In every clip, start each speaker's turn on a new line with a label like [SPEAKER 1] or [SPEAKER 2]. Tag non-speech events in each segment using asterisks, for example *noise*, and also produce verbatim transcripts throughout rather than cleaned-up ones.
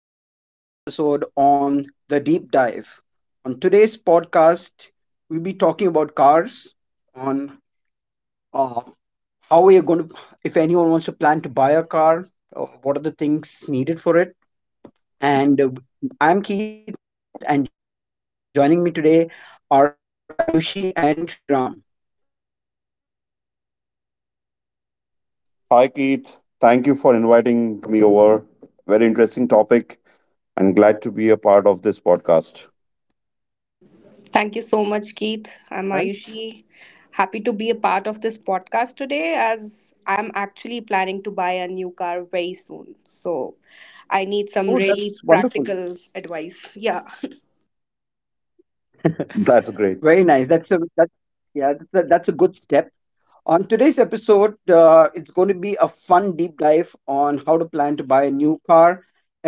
[SPEAKER 1] Back to another episode on The Deep Dive. On today's podcast, we'll be talking about cars, on uh, how we are going to, if anyone wants to plan to buy a car, uh, what are the things needed for it. And uh, I'm Keith, and joining me today are Ayushi and Ram.
[SPEAKER 2] Hi, Keith. Thank you for inviting me over. Very interesting topic and glad to be a part of this podcast.
[SPEAKER 3] Thank you so much, Keith.
[SPEAKER 1] Right?
[SPEAKER 3] I'm Ayushi. Happy to be a part of this podcast today as I'm actually planning to buy a new car very soon. So I need some
[SPEAKER 1] Oh,
[SPEAKER 3] really
[SPEAKER 1] that's wonderful.
[SPEAKER 3] practical advice. Yeah.
[SPEAKER 1] *laughs*
[SPEAKER 2] That's great.
[SPEAKER 1] Very nice. That's a that's yeah, that's a good step. On today's episode, uh, it's going to be a fun deep dive on how to plan to buy a new car,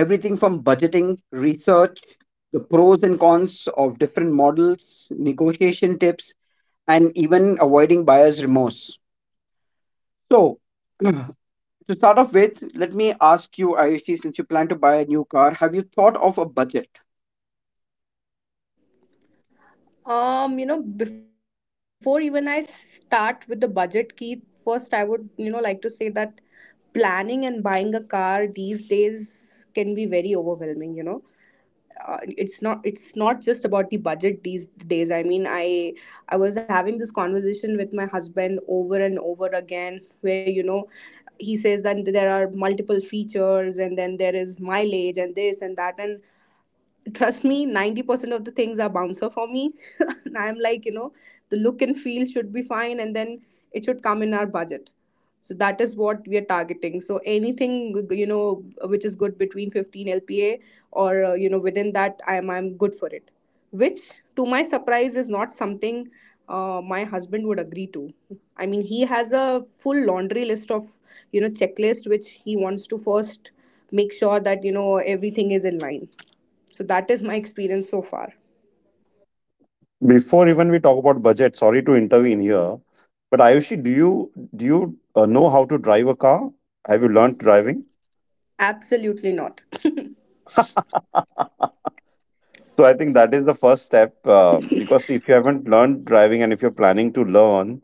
[SPEAKER 1] everything from budgeting, research, the pros and cons of different models, negotiation tips, and even avoiding buyer's remorse. So, *clears throat* to start off with, let me ask you, Ayushi, since you plan to buy a new car, have you thought of a budget?
[SPEAKER 3] Um, you know, before even I start with the budget, Keith, first I would, you know, like to say that planning and buying a car these days can be very overwhelming, you know uh, It's not it's not just about the budget these days. I mean, i i was having this conversation with my husband over and over again, where, you know, he says that there are multiple features, and then there is mileage and this and that. And trust me, ninety percent of the things are bouncer for me. *laughs* And I'm like, you know, the look and feel should be fine, and then it should come in our budget. So that is what we are targeting. So anything, you know, which is good between fifteen lpa or uh, you know, within that i am i'm good for it. Which, to my surprise, is not something uh, my husband would agree to. I mean, he has a full laundry list of, you know, checklist which he wants to first make sure that, you know, everything is in line. So that is my experience so far.
[SPEAKER 2] Before even we talk about budget, sorry to intervene here, but Ayushi, do you do you uh, know how to drive a car? Have you learned driving?
[SPEAKER 3] Absolutely not.
[SPEAKER 2] *laughs* So I think that is the first step uh, because if you haven't learned driving and if you're planning to learn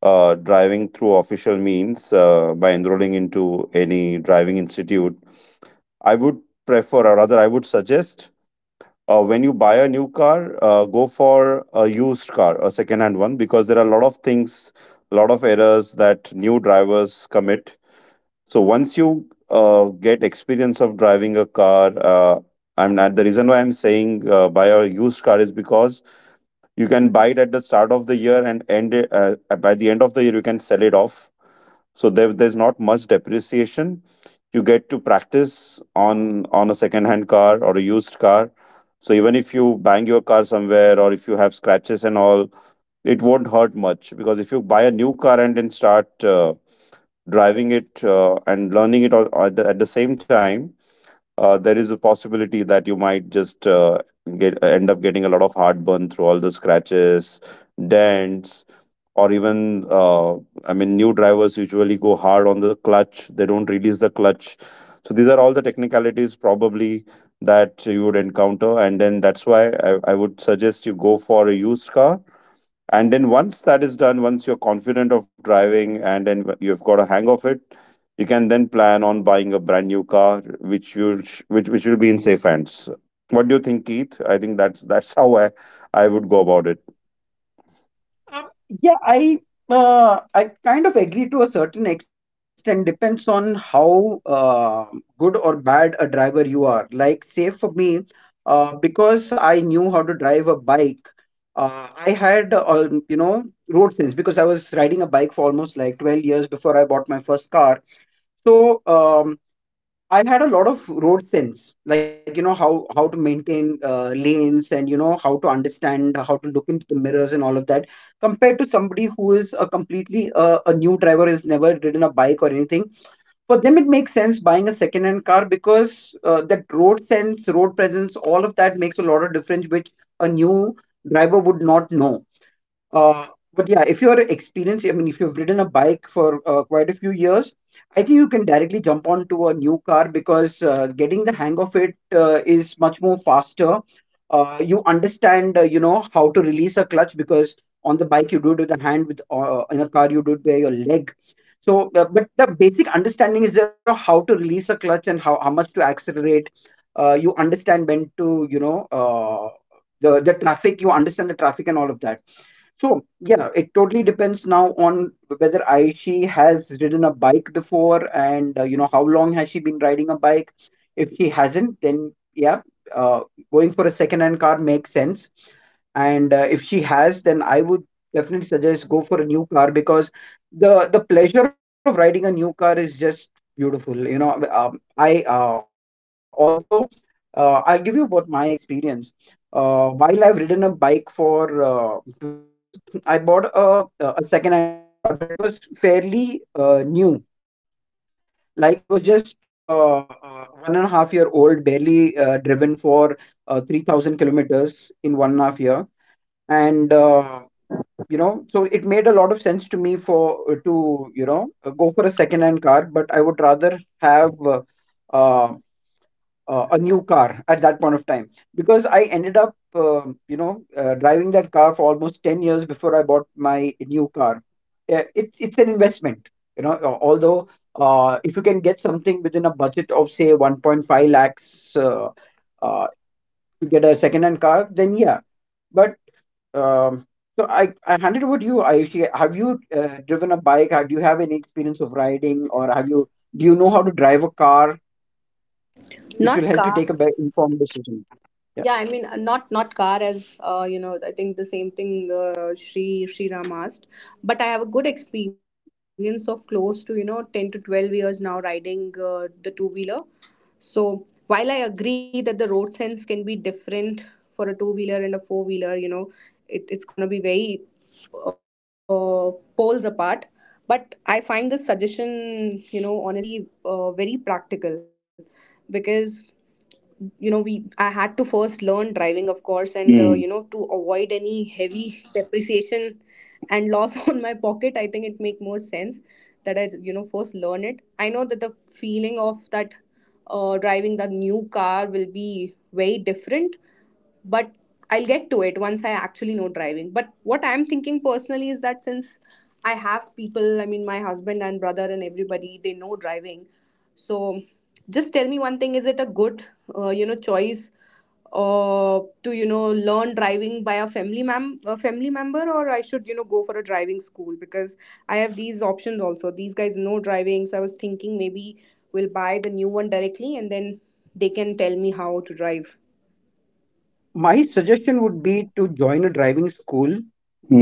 [SPEAKER 2] uh, driving through official means uh, by enrolling into any driving institute, I would prefer, or rather, I would suggest uh, when you buy a new car, uh, go for a used car, a second-hand one, because there are a lot of things, a lot of errors that new drivers commit. So once you uh, get experience of driving a car, uh, I'm not, the reason why I'm saying uh, buy a used car is because you can buy it at the start of the year and end it, uh, by the end of the year you can sell it off so there, there's not much depreciation. You get to practice on on a second hand car or a used car, so even if you bang your car somewhere or if you have scratches and all, it won't hurt much, because if you buy a new car and then start uh, driving it uh, and learning it all, at, the, at the same time, uh, there is a possibility that you might just uh, get end up getting a lot of heartburn through all the scratches, dents, or even uh, I mean, new drivers usually go hard on the clutch, they don't release the clutch. So these are all the technicalities probably that you would encounter, and then that's why i, I would suggest you go for a used car. And then once that is done, once you're confident of driving and then you've got a hang of it, you can then plan on buying a brand new car, which will sh- which, which will be in safe hands. What do you think, Keith? I think that's that's how i i would go about it.
[SPEAKER 1] Um, Yeah, I uh, I kind of agree to a certain extent. Depends on how uh, good or bad a driver you are. Like, say for me, uh, because I knew how to drive a bike, uh, I had uh, you know road sense because I was riding bike for almost like twelve years before I bought my first car. So um, I had a lot of road sense, like you know how how to maintain uh, lanes, and you know how to understand how to look into the mirrors and all of that. Compared to somebody who is a completely uh, a new driver has never or anything, for them it makes sense buying a second-hand car because uh, that road sense, road presence, all of that makes a lot of difference, which a new driver would not know. uh, but yeah, if you're experienced, I mean, if you've ridden a bike for uh, quite a few years, I think you can directly jump onto a new car because uh, getting the hang of it uh, is much more faster. Uh, you understand, uh, you know, how to release a clutch because on the bike you do it with the hand, with uh, in a car you do it by your leg. So, uh, but the basic understanding is there of how to release a clutch and how, how much to accelerate. Uh, you understand when to you know uh, the the traffic you understand the traffic and all of that. So yeah, it totally depends now on whether aishi has ridden a bike before, and uh, you know how long has she been riding a bike. If she hasn't, then yeah, uh, going for a second hand car makes sense. And uh, if she has, then I would definitely suggest go for a new car because the the pleasure of riding a new car is just beautiful, you know. Um, I uh, Although uh, I'll give you about my experience. Uh, while I've ridden a bike for uh, twelve years, I bought a, uh, a second-hand car, but it was fairly uh, new. Like it was just uh, uh, one and a half year old, barely uh, driven for uh, three thousand kilometers in one and a half year. And, uh, you know, so it made a lot of sense to me for uh, to, you know, uh, go for a second-hand car, but I would rather have uh, uh, a new car at that point of time, because ended up, um you know, uh, driving that car for almost ten years before I bought my new car. Uh, It's it's an investment, you know. uh, Although uh, if you can get something within a budget of say one point five lakhs, uh, uh, to get a second hand car, then yeah. But um, so I I hand it over to you, Ayushi. Have you uh, driven a bike? Have, do you have any experience of riding, or have you do you know how to drive a car,
[SPEAKER 3] *laughs*
[SPEAKER 1] which will
[SPEAKER 3] Not
[SPEAKER 1] help you
[SPEAKER 3] car.
[SPEAKER 1] take a better informed decision? Yeah.
[SPEAKER 3] Yeah, I mean, uh, not not car as, uh, you know. I think the same thing uh, Shri Shri Ram asked, but I have a good experience of close to, you know, ten to twelve years now riding uh, the two wheeler. So while I agree that the road sense can be different for a two wheeler and a four wheeler, you know, it, it's gonna be very uh, poles apart. But I find this suggestion, you know, honestly, uh, very practical because, you know, we, I had to first learn driving of course, and uh, you know,
[SPEAKER 2] Mm.
[SPEAKER 3] to avoid any heavy depreciation and loss *laughs* on my pocket, I think it make more sense that I, you know, first learn it. I know that the feeling of that, uh, driving the new car will be very different, but I'll get to it once I actually know driving. But what I'm thinking personally is that since I have people, I mean, my husband and brother and everybody, they know driving. So just tell me one thing, is it a good, uh, you know, choice uh, to, you know, learn driving by a family, mem- a family member, or I should, you know, go for a driving school? Because I have these options also. These guys know driving. So I was thinking maybe we'll buy the new one directly and then they can tell me how to drive.
[SPEAKER 1] My suggestion would be to join a driving school,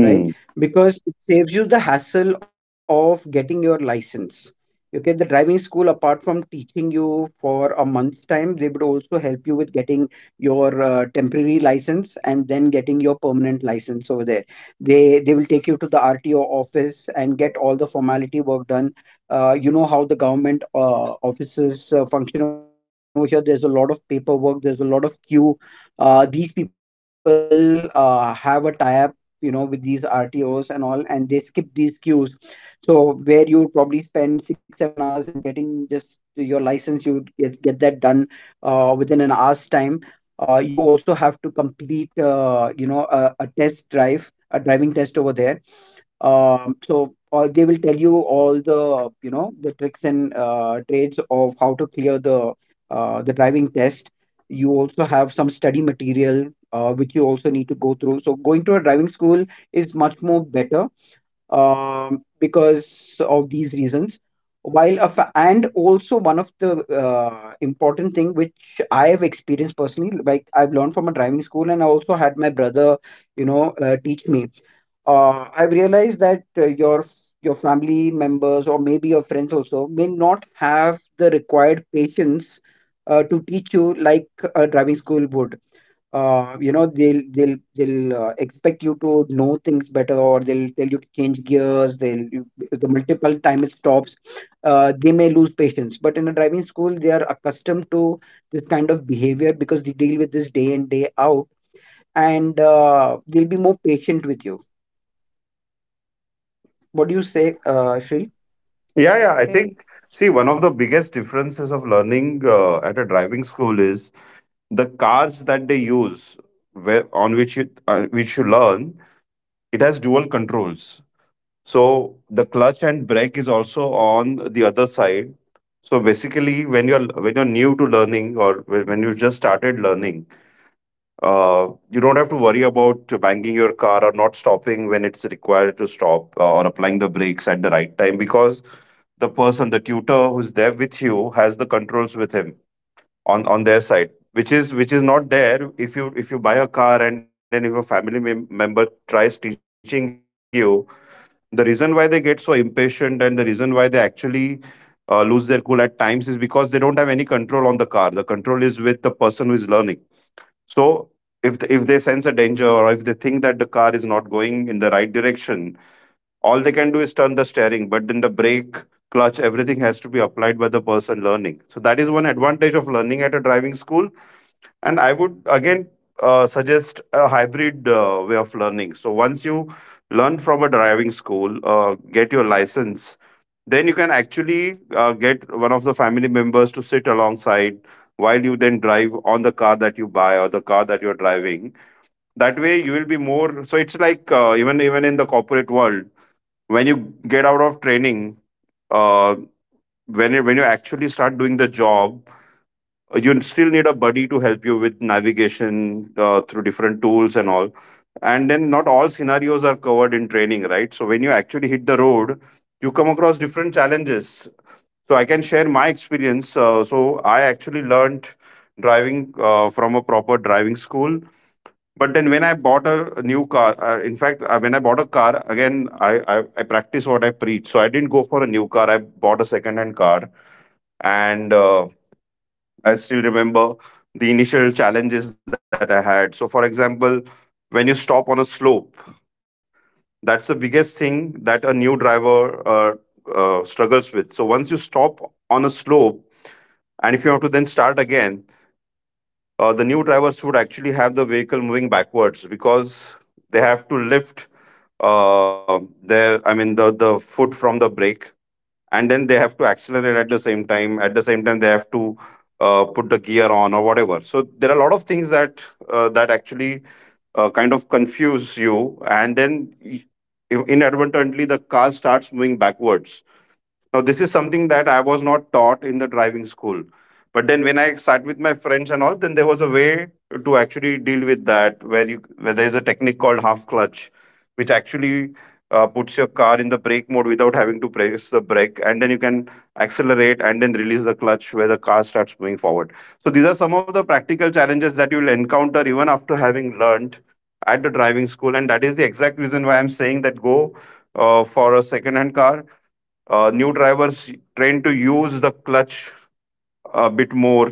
[SPEAKER 1] right? Because it saves you the hassle of getting your license. Okay, the driving school, apart from teaching you for a month's time, they would also help you with getting your uh, temporary license and then getting your permanent license over there. They they will take you to the R T O office and get all the formality work done. Uh, you know how the government uh, offices uh, function over here. There's a lot of paperwork. There's a lot of queue. Uh, these people uh, have a tie, you know, with these rtos and all, and they skip these queues. So where you would probably spend six seven hours in getting just your license, you would get, get that done uh, within an hour's time. Uh, you also have to complete uh, you know a, a test drive, a driving test over there. Um, so all they will tell you all the you know the tricks and uh, trades of how to clear the uh, the driving test. You also have study material uh, which you also need to go through. So going to a driving school is much more better, um, because of these reasons. While a fa- and also one of the uh, important thing which I have experienced personally, like I've learned from a driving school and I also had my brother you know uh, teach me. uh, I've realized that uh, your your family members or maybe your friends also may not have the required patience uh, to teach you like a driving school would. Uh, you They'll they'll uh, expect you to know things better, or they'll tell you to change gears. They'll you- the multiple time it stops, Uh, they may lose patience, but in a driving school, they are accustomed to this kind of behavior because they deal with this day in day out, and uh, they'll be more patient with you. What do you say, uh, Shri?
[SPEAKER 2] Yeah, yeah. I think,
[SPEAKER 3] Okay.
[SPEAKER 2] see, one of the biggest differences of learning uh, at a driving school is the cars that they use, where, on which you uh, which you learn, it has dual controls. So the clutch and brake is also on the other side. So basically, when you're when you're new to learning, or when when you just started learning, Uh, you don't have to worry about banging your car or not stopping when it's required to stop, uh, or applying the brakes at the right time, because the person, the tutor who's there with you, has the controls with him on on their side, which is which is not there if you if you buy a car and then if a family mem- member tries teaching you. The reason why they get so impatient, and the reason why they actually uh, lose their cool at times, is because they don't have any control on the car. The control is who is learning. So if th- if they sense a danger, or if they think that the car is not going in the right direction, all they can do is turn the steering. But then the brake, clutch, everything has to be applied by the person learning. So that is one advantage of learning at a driving school. And I would again uh, suggest a hybrid uh, way of learning. So once you learn from a driving school, uh, get your license, then you can actually uh, get one of the family members to sit alongside while you then drive on the car that you buy or the car that you're driving. That way you will be more, so it's like uh, even, even corporate world, when you get out of training, uh, when you, when you actually start doing the job, uh, you still need a buddy to help you with navigation uh, through different tools and all, and then not all scenarios are covered in training, right? So when you actually hit the road, you come across different challenges. So I can share my experience. Uh, so I actually learned driving uh, from a proper driving school. But then when I bought a, new car, uh, in fact, uh, when I bought a car, again, I, I, I practice what I preach. So I didn't go for a new car. I bought a second-hand car. And uh, I still remember the initial challenges that I had. So for example, when you stop on a slope, that's the biggest thing that a new driver uh, uh, struggles with. So once you stop on a slope, and if you have to then start again, uh, the new drivers would actually have the vehicle moving backwards, because they have to lift uh, their I mean the the foot from the brake, and then they have to accelerate at the same time, at the same time they have to uh, put the gear on or whatever. So there are a lot of things that uh, that actually uh, kind of confuse you, and then y- inadvertently the car starts moving backwards. Now, this is something that I was not taught in the driving school. But then when I sat with my friends and all, then there was a way to actually deal with that, where you where there's a technique called half clutch, which actually uh, puts your car in the brake mode without having to press the brake, and then you can accelerate and then release the clutch, where the car starts moving forward. So these are some of the practical challenges that you'll encounter even after having learned at the driving school, and that is the exact reason why I'm saying that go uh, for a second-hand car. Uh, new drivers trained to use the clutch a bit more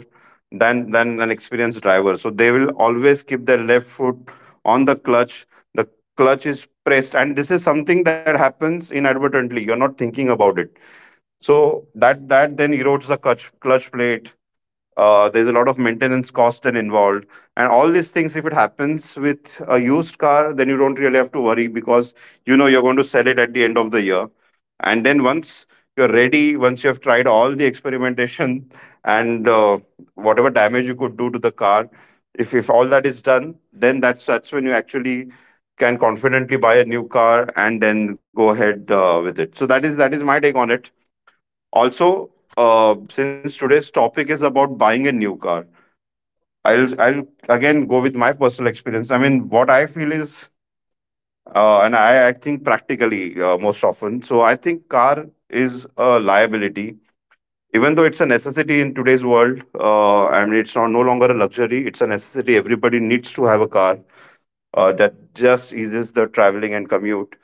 [SPEAKER 2] than than an experienced driver, so they will always keep their left foot on the clutch, the clutch is pressed, and this is something that happens inadvertently, you're not thinking about it. So that that then erodes the clutch clutch plate. Uh, there's a lot of maintenance cost and involved, and all these things. If it happens with a used car, then you don't really have to worry, because you know you're going to sell it at the end of the year. And then once you're ready, once you have tried all the experimentation *laughs* and uh, whatever damage you could do to the car, if if all that is done, then that's that's when you actually can confidently buy a new car and then go ahead uh, with it. So that is that is my take on it. Also, uh, since today's topic is about buying a new car, I'll I'll again go with my personal experience. I mean, what I feel is, uh, and I, I think practically uh, most often. So I think car is a liability, even though it's a necessity in today's world. Uh, I mean, it's not no longer a luxury; it's a necessity. Everybody needs to have a car uh, that just eases the traveling and commute.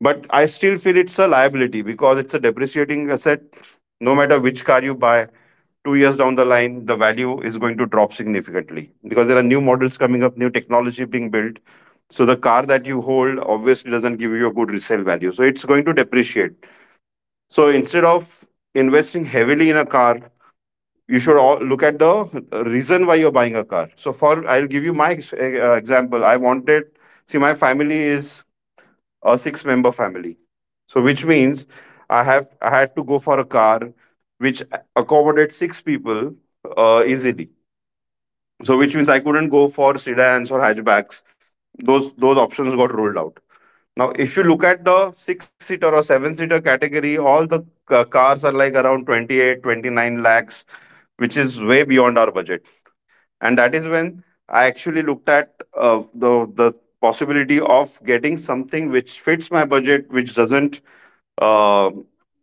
[SPEAKER 2] But I still feel it's a liability because it's a depreciating asset. No matter which car you buy, two years down the line, the value is going to drop significantly, because there are new models coming up, new technology being built. So the car that you hold obviously doesn't give you a good resale value. So it's going to depreciate. So instead of investing heavily in a car, you should all look at the reason why you're buying a car. So for, I'll give you my ex- eh, uh, example. I wanted, see, my family is a six member family. So which means I have I had to go for a car which accommodates six people uh, easily, so which means I couldn't go for sedans or hatchbacks. Those those options got ruled out. Now, if you look at the six seater or seven seater category, all the ca- cars are like around twenty-eight, twenty-nine lakhs, which is way beyond our budget. And that is when I actually looked at uh, the the possibility of getting something which fits my budget, which doesn't, uh,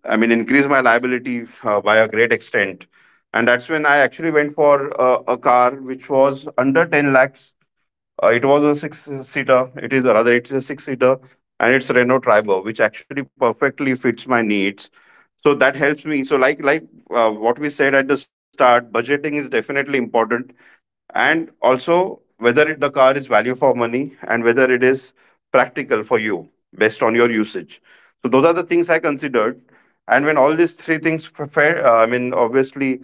[SPEAKER 2] I mean, increase my liability uh, by a great extent. And that's when I actually went for uh, a car which was under ten lakhs. Uh, it was a six-seater. It is, rather, it's a six-seater, and it's Renault Triber, which actually perfectly fits my needs. So that helps me. So like like uh, what we said at the start, budgeting is definitely important, and also whether it, the car is value for money and whether it is practical for you based on your usage. So those are the things I considered, and when all these three things fa- uh, i mean obviously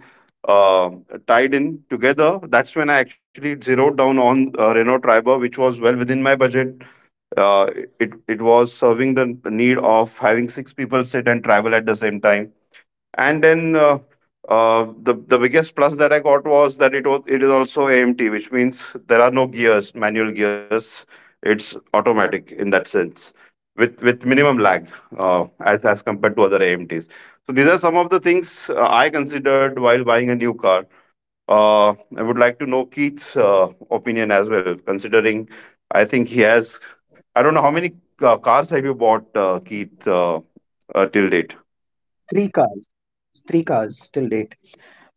[SPEAKER 2] uh, tied in together, that's when I actually zeroed down on uh, Renault Triber, which was well within my budget. uh, it it was serving the need of having six people sit and travel at the same time. And then uh, uh, the the biggest plus that I got was that it was it is also A M T, which means there are no gears, manual gears. It's automatic in that sense, with with minimum lag uh, as as compared to other A M Ts. So these are some of the things uh, I considered while buying a new car. Uh, I would like to know Keith's uh, opinion as well, considering I think he has. I don't know how many uh, cars have you bought, uh, Keith, uh, uh, till date?
[SPEAKER 1] Three cars. Three cars till date.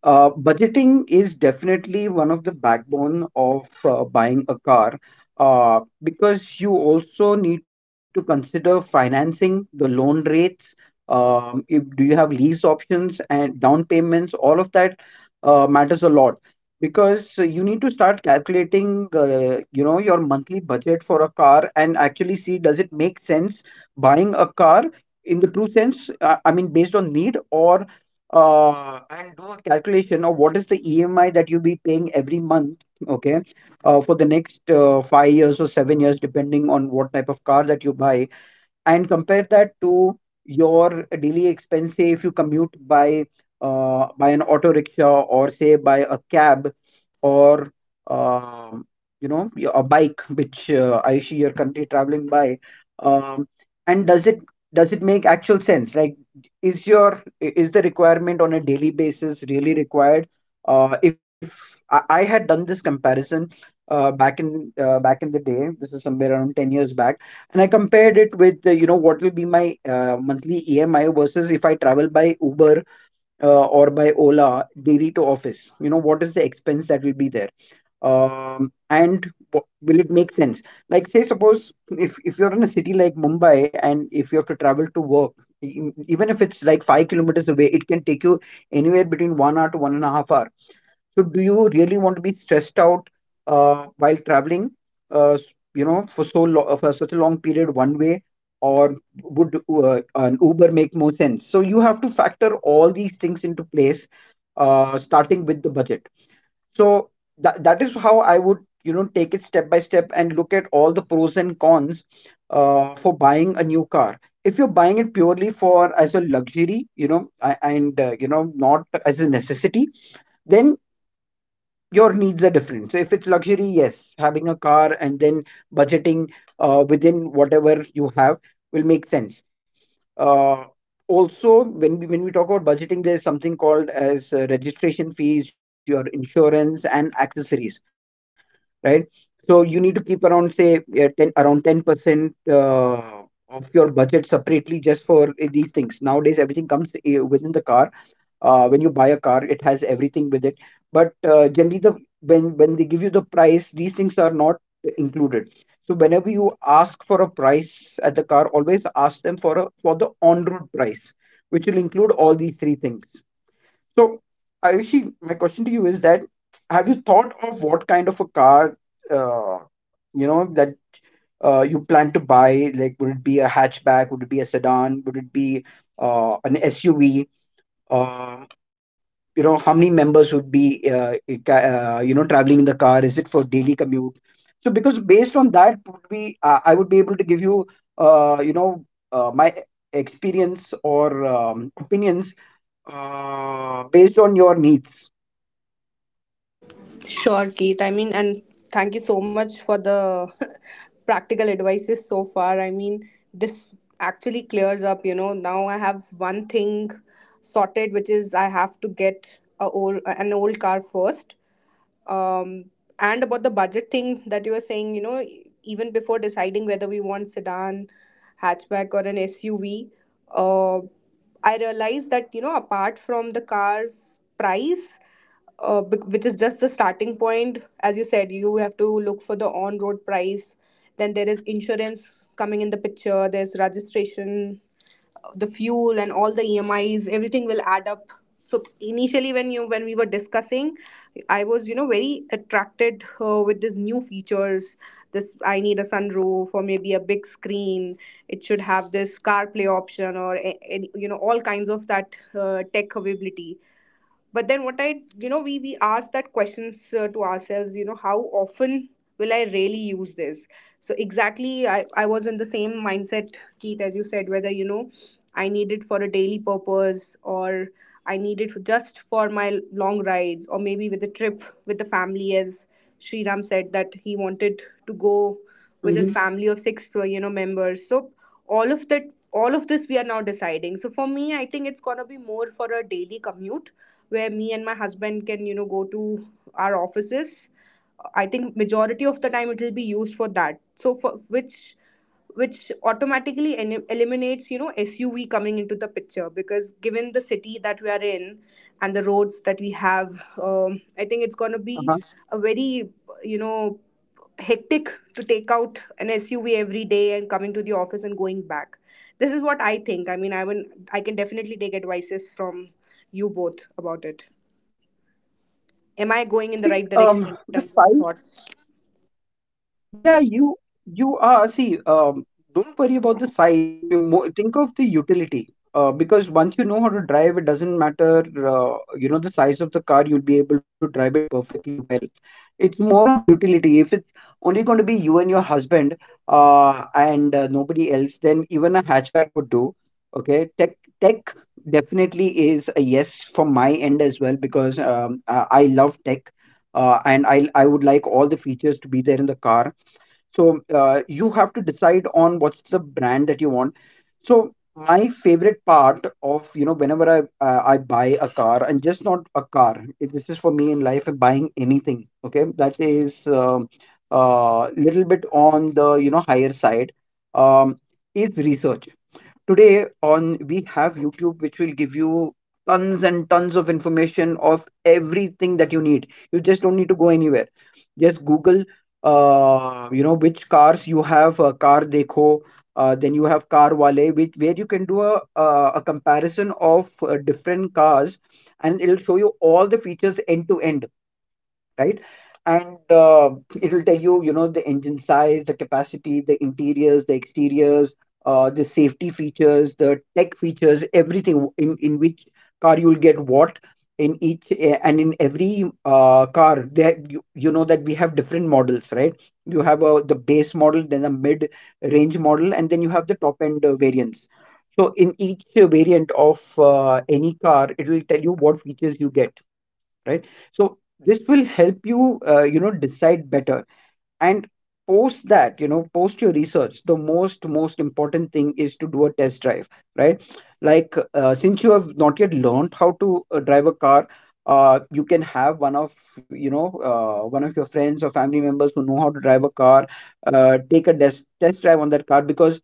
[SPEAKER 1] Uh, budgeting is definitely one of the backbone of uh, buying a car, uh, because you also need to consider financing, the loan rates, um, if, do you have lease options and down payments, all of that uh, matters a lot, because uh, you need start calculating uh, you know your monthly budget for a car and actually see, does it make sense buying a car in the true sense, uh, I mean based on need? Or uh, And do a calculation of what is the E M I that you'll be paying every month, okay, uh, for the next uh, five years or seven years, depending on what type of car that you buy, and compare that to your daily expense. Say if you commute by uh, by an auto rickshaw or say by a cab, or um, you know y- a bike which uh, I see your country traveling by. um, and does it does it make actual sense, like is your i- is the requirement on a daily basis really required? Uh, if I, I had done this comparison uh, back in uh, back in the day, this is somewhere around ten years back, and I compared it with uh, you know what will be my uh, monthly E M I versus if I travel by Uber uh, or by Ola daily to office? You know, what is the expense that will be there? Um, and wha- will it make sense? Like, say, suppose if, if you're in a city like Mumbai and if you have to travel to work, e- even if it's like five kilometers away, it can take you anywhere between one hour to one and a half hour. So, do you really want to be stressed out uh, while traveling? Uh, s- you know, for so long, for such a long period, one way, or would uh, an Uber make more sense? So, you have to factor all these things into place, uh, starting with the budget. So, that that is how I would you know take it step by step and look at all the pros cons uh, for buying a new car. If you're buying it purely for as a luxury, you know, a- and uh, you know, not as a necessity, then your needs are different. So if it's luxury, yes, having a car and then budgeting uh, within whatever you have will make sense. Uh, Also, when we when we talk about budgeting, there is something called as uh, registration fees, your insurance, and accessories, right? So you need to keep around say yeah, ten around ten percent uh, of your budget separately just for uh, these things. Nowadays, everything comes uh, within the car, uh, when you buy a car it has everything with it, but uh, generally the when when they give you the price these things are not included. So whenever you ask price at the car, always ask them for a for the on road price, which will include all these three things. So Ayushi, my question to you is that have you thought of what kind of a car uh, you know that uh, you plan to buy? Like, would it be a hatchback, would it be a sedan, would it be uh, an S U V? You know, how many members would be uh, i- ca- uh, you know, traveling in the car? Is it for daily commute? So, because based on that, would be uh, I would be able to give you uh, you know uh, my experience or um, opinions uh, based on your needs.
[SPEAKER 3] Sure, Keith. I mean, and thank you so much for the *laughs* practical advices so far. I mean, this actually clears up, you know. Now I have one thing sorted, which is I have to get a old, an old car first. Um, and about the budget thing that you were saying, you know, e- even before deciding whether we want sedan, hatchback, or an S U V, uh, I realized that, you know, apart from the car's price, uh, bec- which is just the starting point, as you said, you have to look for the on road price. Then there is insurance coming in the picture, there's registration, the fuel, and all the emis, everything will add up. So initially, when you, when we were discussing, I was, you know, very attracted uh, with these new features. This, I need a sunroof or maybe a big screen, it should have this carplay option or a- any, you know, all kinds of that uh, tech availability. But then what I, you know, we we ask that questions uh, to ourselves, you know, how often will I really use this. So exactly, i i was in the same mindset, Keith, as you said, whether, you know, I need it for a daily purpose, or I need it for just for my long rides, or maybe with a trip with the family, as Shriram said that he wanted to go with his family of six, uh, you know,
[SPEAKER 1] Mm-hmm.
[SPEAKER 3] members. So all of that, all of this we are now deciding. So for me, I think it's going to be more for a daily commute where me and my husband can, you know, go to our offices. I think majority of the time it will be used for that. So for which which automatically en- eliminates, you know, SUV coming into the picture, because given the city that we are in and the roads that we have, um, I think it's going to be a very, you
[SPEAKER 1] Uh-huh.
[SPEAKER 3] know, hectic to take out an SUV every day and coming to the office and going back. This is what I think. I mean, I will, I can definitely take
[SPEAKER 1] True.
[SPEAKER 3] advices from you both about it. Am I going in the right direction in
[SPEAKER 1] See
[SPEAKER 3] terms of
[SPEAKER 1] Um,
[SPEAKER 3] thoughts?
[SPEAKER 1] the size. Yeah, you you are, see. Um, don't worry about the size. You you mo- think of the utility. Uh, because once you know how to drive, it doesn't matter. Uh, you know, the size of the car, you'll be able to drive it perfectly well. It's more on the utility. If it's only going to be you and your husband, uh, and uh, nobody else, then even a hatchback would do. Okay, tech tech definitely is a yes from my end as well, because um, I, I love tech, uh, and I I would like all the features to be there in the car. So uh, to decide on what's the brand that you want. So my favorite part of, you know, whenever I uh, I buy a car, and just not a car — if this is for me in life, uh, buying anything, okay, that is a uh, uh, little bit on the, you know, higher side, Um, is research. Today on we have YouTube, which will give you tons and tons of information of everything that you need. You just don't need to go anywhere. Just Google, uh, you know, which cars you have, uh, car dekho, uh, then you have car wale, which where you can do a uh, a comparison of uh, different cars, and it'll show you all the features end to end, right? And uh, it'll tell you, you know, the engine size, the capacity, the interiors, the exteriors, uh, the safety features, the features, everything in, in which car you'll get what in each eh, and in every uh, car. There you, you know that we have different models, right? You have a, the base model, then a mid range model, and then you have the end uh, variants. So in each uh, variant of uh, any car, it will tell you what features you get, right? So this will help you uh, you know decide better. And post that, you know, post your the most most important thing is to do a test drive, right? Like, uh, since you have not yet learned how to uh, drive a car, uh, you can have one of you know uh, one of your friends or family members who know how to drive a car, uh, take a des- test drive on that car, because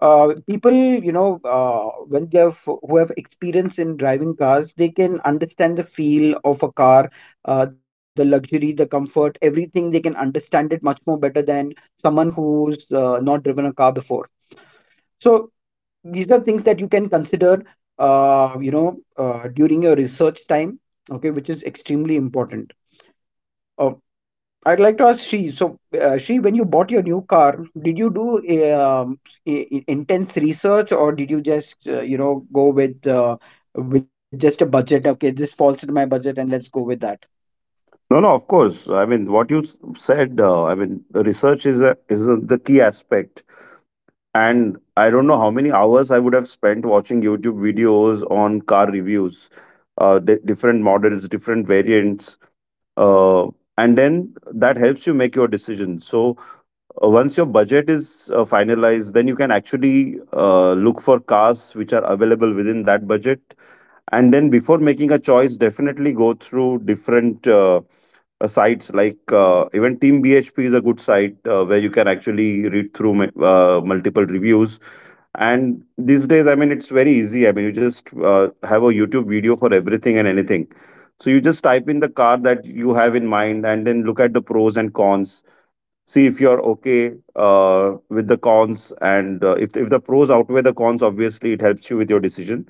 [SPEAKER 1] uh, people, you know, uh, when they have who have experience in driving cars, they can understand the feel of a car, uh, the luxury, the comfort, everything. They can understand it much more better than someone who's uh, not driven a car before. So these are things that you can consider, uh, you know, uh, during your research time. Okay, which is extremely important. Uh, I'd like to ask Shri. So, uh, Shri, when you bought your new car, did you do um, i- i- intense research, or did you just, uh, you know, go with uh, with just a budget? Okay, this falls into my budget, and let's go with that.
[SPEAKER 2] No, no, of course. I mean, what you s- said, uh, I mean, research is a, is a, the key aspect. And I don't know how many hours I would have spent watching YouTube videos on car reviews, uh, di- different models, different variants. Uh, and then that helps you make your decision. So uh, once your budget is uh, finalized, then you can actually uh, look for cars which are available within that budget. And then before making a choice, definitely go through different. Uh, uh, sites like uh, even Team B H P is a good site uh, where you can actually read through mu- uh, multiple reviews. And these days, I mean, it's very easy. I mean, you just uh, have a YouTube video for everything and anything. So you just type in the car that you have in mind and then look at the pros and cons, see if you're okay uh, with the cons, and uh, if, if the pros outweigh the cons, obviously it helps you with your decision.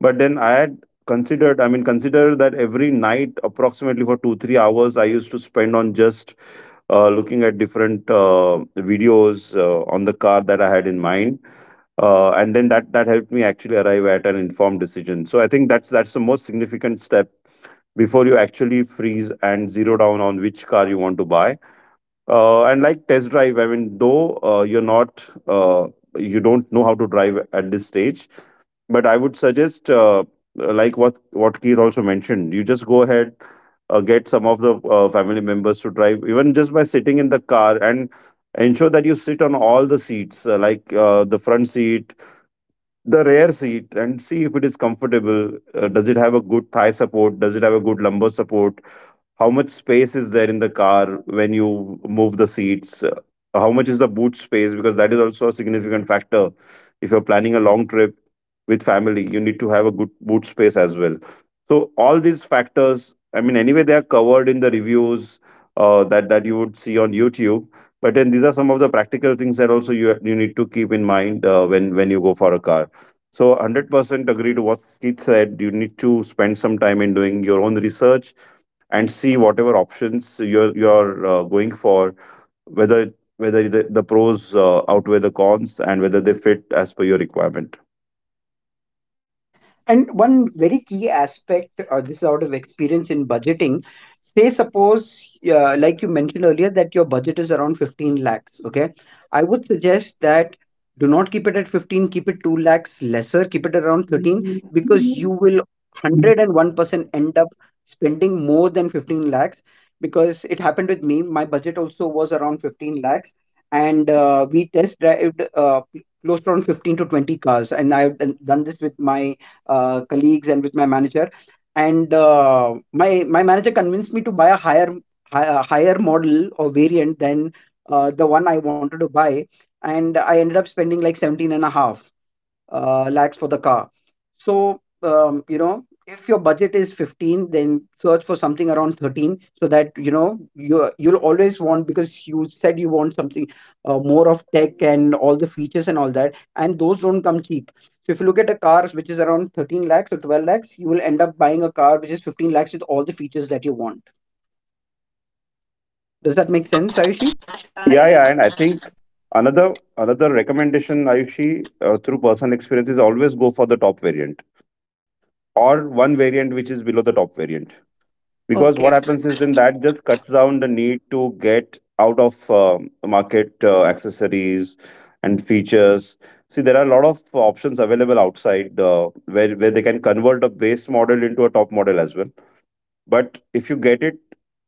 [SPEAKER 2] But then I had considered, I mean, consider that every night approximately for two three hours I used to spend on just uh, looking at different uh, videos uh, on the car that I had in mind. Uh, and then that that helped me actually arrive at an informed decision. So I think that's that's the most significant step before you actually freeze and zero down on which car you want to buy. Uh, and like test drive, I mean, though uh, you're not uh, you don't know how to drive at this stage, but I would suggest uh, like what what Keith also mentioned, you just go ahead, uh, get some of the uh, family members to drive, even just by sitting in the car, and ensure that you sit on all the seats, uh, like uh, the front seat, the rear seat, and see if it is comfortable. Uh, does it have a good thigh support? Does it have a good lumbar support? How much space is there in the car when you move the seats? Uh, How much is the boot space? Because that is also a significant factor. If you're planning a long trip with family, you need to have a good boot space as well. So all these factors, I mean, anyway, they are covered in the reviews uh, that that you would see on YouTube. But then these are some of the practical things that also you you need to keep in mind uh, when when you go for a car. So one hundred percent agree to what Keith said. You need to spend some time in doing your own research and see whatever options you're you're uh, going for, whether whether the, the pros uh, outweigh the cons and whether they fit as per your requirement.
[SPEAKER 1] And one very key aspect, uh, this is out of experience in budgeting. Say, suppose, uh, like you mentioned earlier, that your budget is around fifteen lakhs. Okay. I would suggest that do not keep it at fifteen, keep it two lakhs lesser, keep it around thirteen, because you will one hundred one percent end up spending more than fifteen lakhs. Because it happened with me, my budget also was around fifteen lakhs, and uh, we test drived uh, close to around fifteen to twenty cars. And I've done this with my uh, colleagues and with my manager, and uh, my my manager convinced me to buy a higher higher, higher model or variant than uh, the one I wanted to buy, and I ended up spending like seventeen and a half uh, lakhs for the car. So um, you know, if your budget is fifteen, then search for something around thirteen, so that you know you you'll always want, because you said you want something uh, more of tech and all the features and all that, and those don't come cheap. So if you look at a car which is around thirteen lakhs or twelve lakhs, you will end up buying a car which is fifteen lakhs with all the features that you want. Does that make sense, Ayushi?
[SPEAKER 3] Yeah, yeah,
[SPEAKER 2] Yeah,
[SPEAKER 3] it
[SPEAKER 2] yeah, and I
[SPEAKER 3] does.
[SPEAKER 2] think another another recommendation, Ayushi, uh, through personal experience, is always go for the top variant, or one variant which is below the top variant, because what
[SPEAKER 3] Okay.
[SPEAKER 2] happens is then that just cuts down the need to get out of uh, market uh, accessories and features. See, there are a lot of options available outside uh, where where they can convert a base model into a top model as well, but if you get it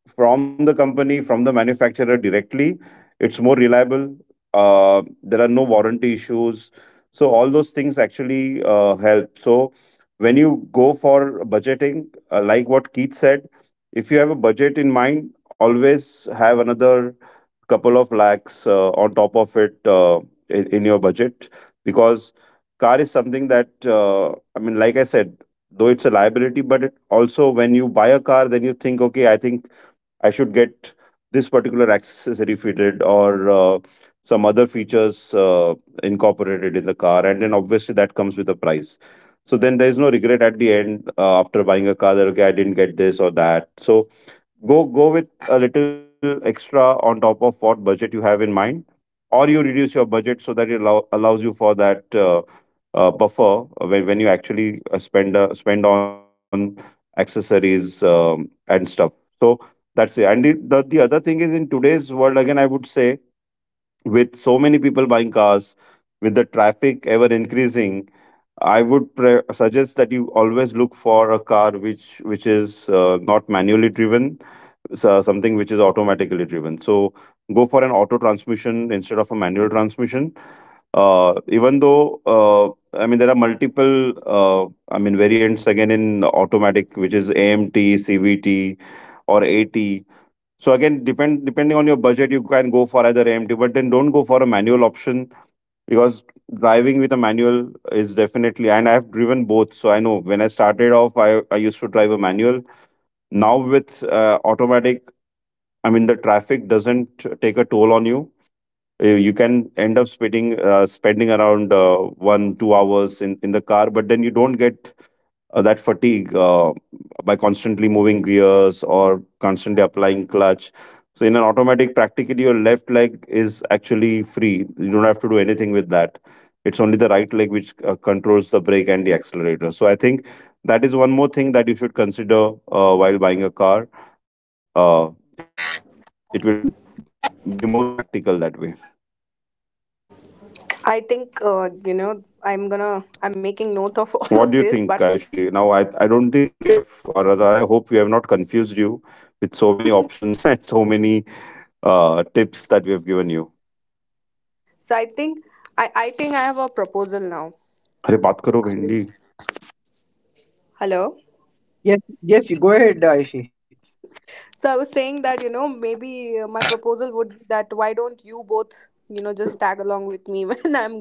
[SPEAKER 2] from the company, from the manufacturer directly, it's more reliable. Uh, there are no warranty issues. So all those things actually uh, help. So when you go for budgeting, uh, like what Keith said, if you have a budget in mind, always have another couple of lakhs uh, on top of it, uh, in, in your budget, because car is something that uh, I mean, like I said, though it's a liability, but it also, when you buy a car, then you think, okay, I think I should get this particular accessory fitted, or uh, some other features uh, incorporated in the car, and then obviously that comes with a price. So then there is no regret at the end uh, after buying a car, that okay, I didn't get this or that. So go go with a little extra on top of what budget you have in mind, or you reduce your budget so that it allow, allows you for that uh, uh, buffer when, when you actually uh, spend uh, spend on accessories um, and stuff. So that's it. And the, the, the other thing is, in today's world, again, I would say, with so many people buying cars, with the traffic ever increasing, I would pre- suggest that you always look for a car which which is uh, not manually driven, so something which is automatically driven. So for an auto transmission instead of a manual transmission. Uh, even though uh, I mean there are multiple uh, I mean variants again in automatic, which is A M T, C V T, or A T. So again, depend depending on your budget, you can go for either A M T, but then don't go for a manual option, because driving with a manual is definitely, and I've driven both, so I know, when I started off, i, I used to drive a manual. Now with uh, automatic, I mean, the traffic doesn't take a toll on you. You you can end up spending uh, spending around uh, one two hours in in the car, but then you don't get uh, that fatigue uh, by constantly moving gears or constantly applying clutch. So in an automatic, practically your left leg is actually free. You don't have to do anything with that. It's only the right leg which uh, controls the brake and the accelerator. So I think that is one more thing that you should consider uh, while buying a car. Uh, it will be more practical that way.
[SPEAKER 3] I think uh, you know, I'm gonna I'm making note of *laughs* all
[SPEAKER 2] What
[SPEAKER 3] of
[SPEAKER 2] do you
[SPEAKER 3] this.
[SPEAKER 2] think,
[SPEAKER 3] But
[SPEAKER 2] Ayushi? Now, I, I don't think we have, or rather, I hope we have not confused you with so many options *laughs* and so many uh, tips that we have given you.
[SPEAKER 3] so I think, I I think I have a proposal now. Hello.
[SPEAKER 1] Yes, yes, you go ahead, Ayushi.
[SPEAKER 3] So I was saying that, you know, maybe uh, my proposal would be that why don't you both, you know, just tag along with me *laughs* when I'm,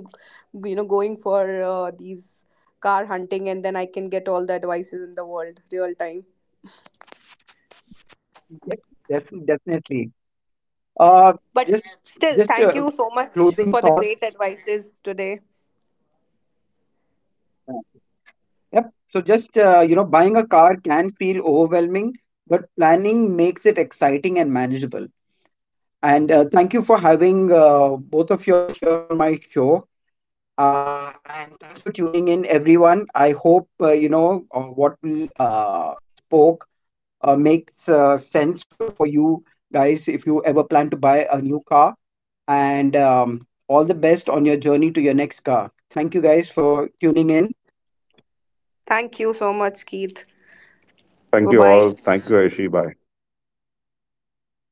[SPEAKER 3] you know, going for uh, these car hunting, and then I can get all the advices in the world real time.
[SPEAKER 1] Yes, def- definitely. Uh,
[SPEAKER 3] But
[SPEAKER 1] just
[SPEAKER 3] still,
[SPEAKER 1] just
[SPEAKER 3] thank
[SPEAKER 1] uh,
[SPEAKER 3] you so much
[SPEAKER 1] closing
[SPEAKER 3] for the great
[SPEAKER 1] thoughts.
[SPEAKER 3] advices today.
[SPEAKER 1] Uh, Yep. So just, uh, you know, buying a car can feel overwhelming, but planning makes it exciting and manageable. And uh, thank you for having uh, both of y'all here on my show. Uh, and thanks for tuning in, everyone. I hope uh, you know uh, what we uh, spoke uh, makes uh, sense for, for you guys if you ever plan buy a new car. And um, all the best on your journey to your next car. Thank you guys for tuning in.
[SPEAKER 3] Thank you so much, Keith.
[SPEAKER 2] Thank
[SPEAKER 3] Bye
[SPEAKER 2] you all.
[SPEAKER 3] bye.
[SPEAKER 2] Thank you, Aishi. Bye.
[SPEAKER 1] Thank you, Ayushi. Thank you, Shri.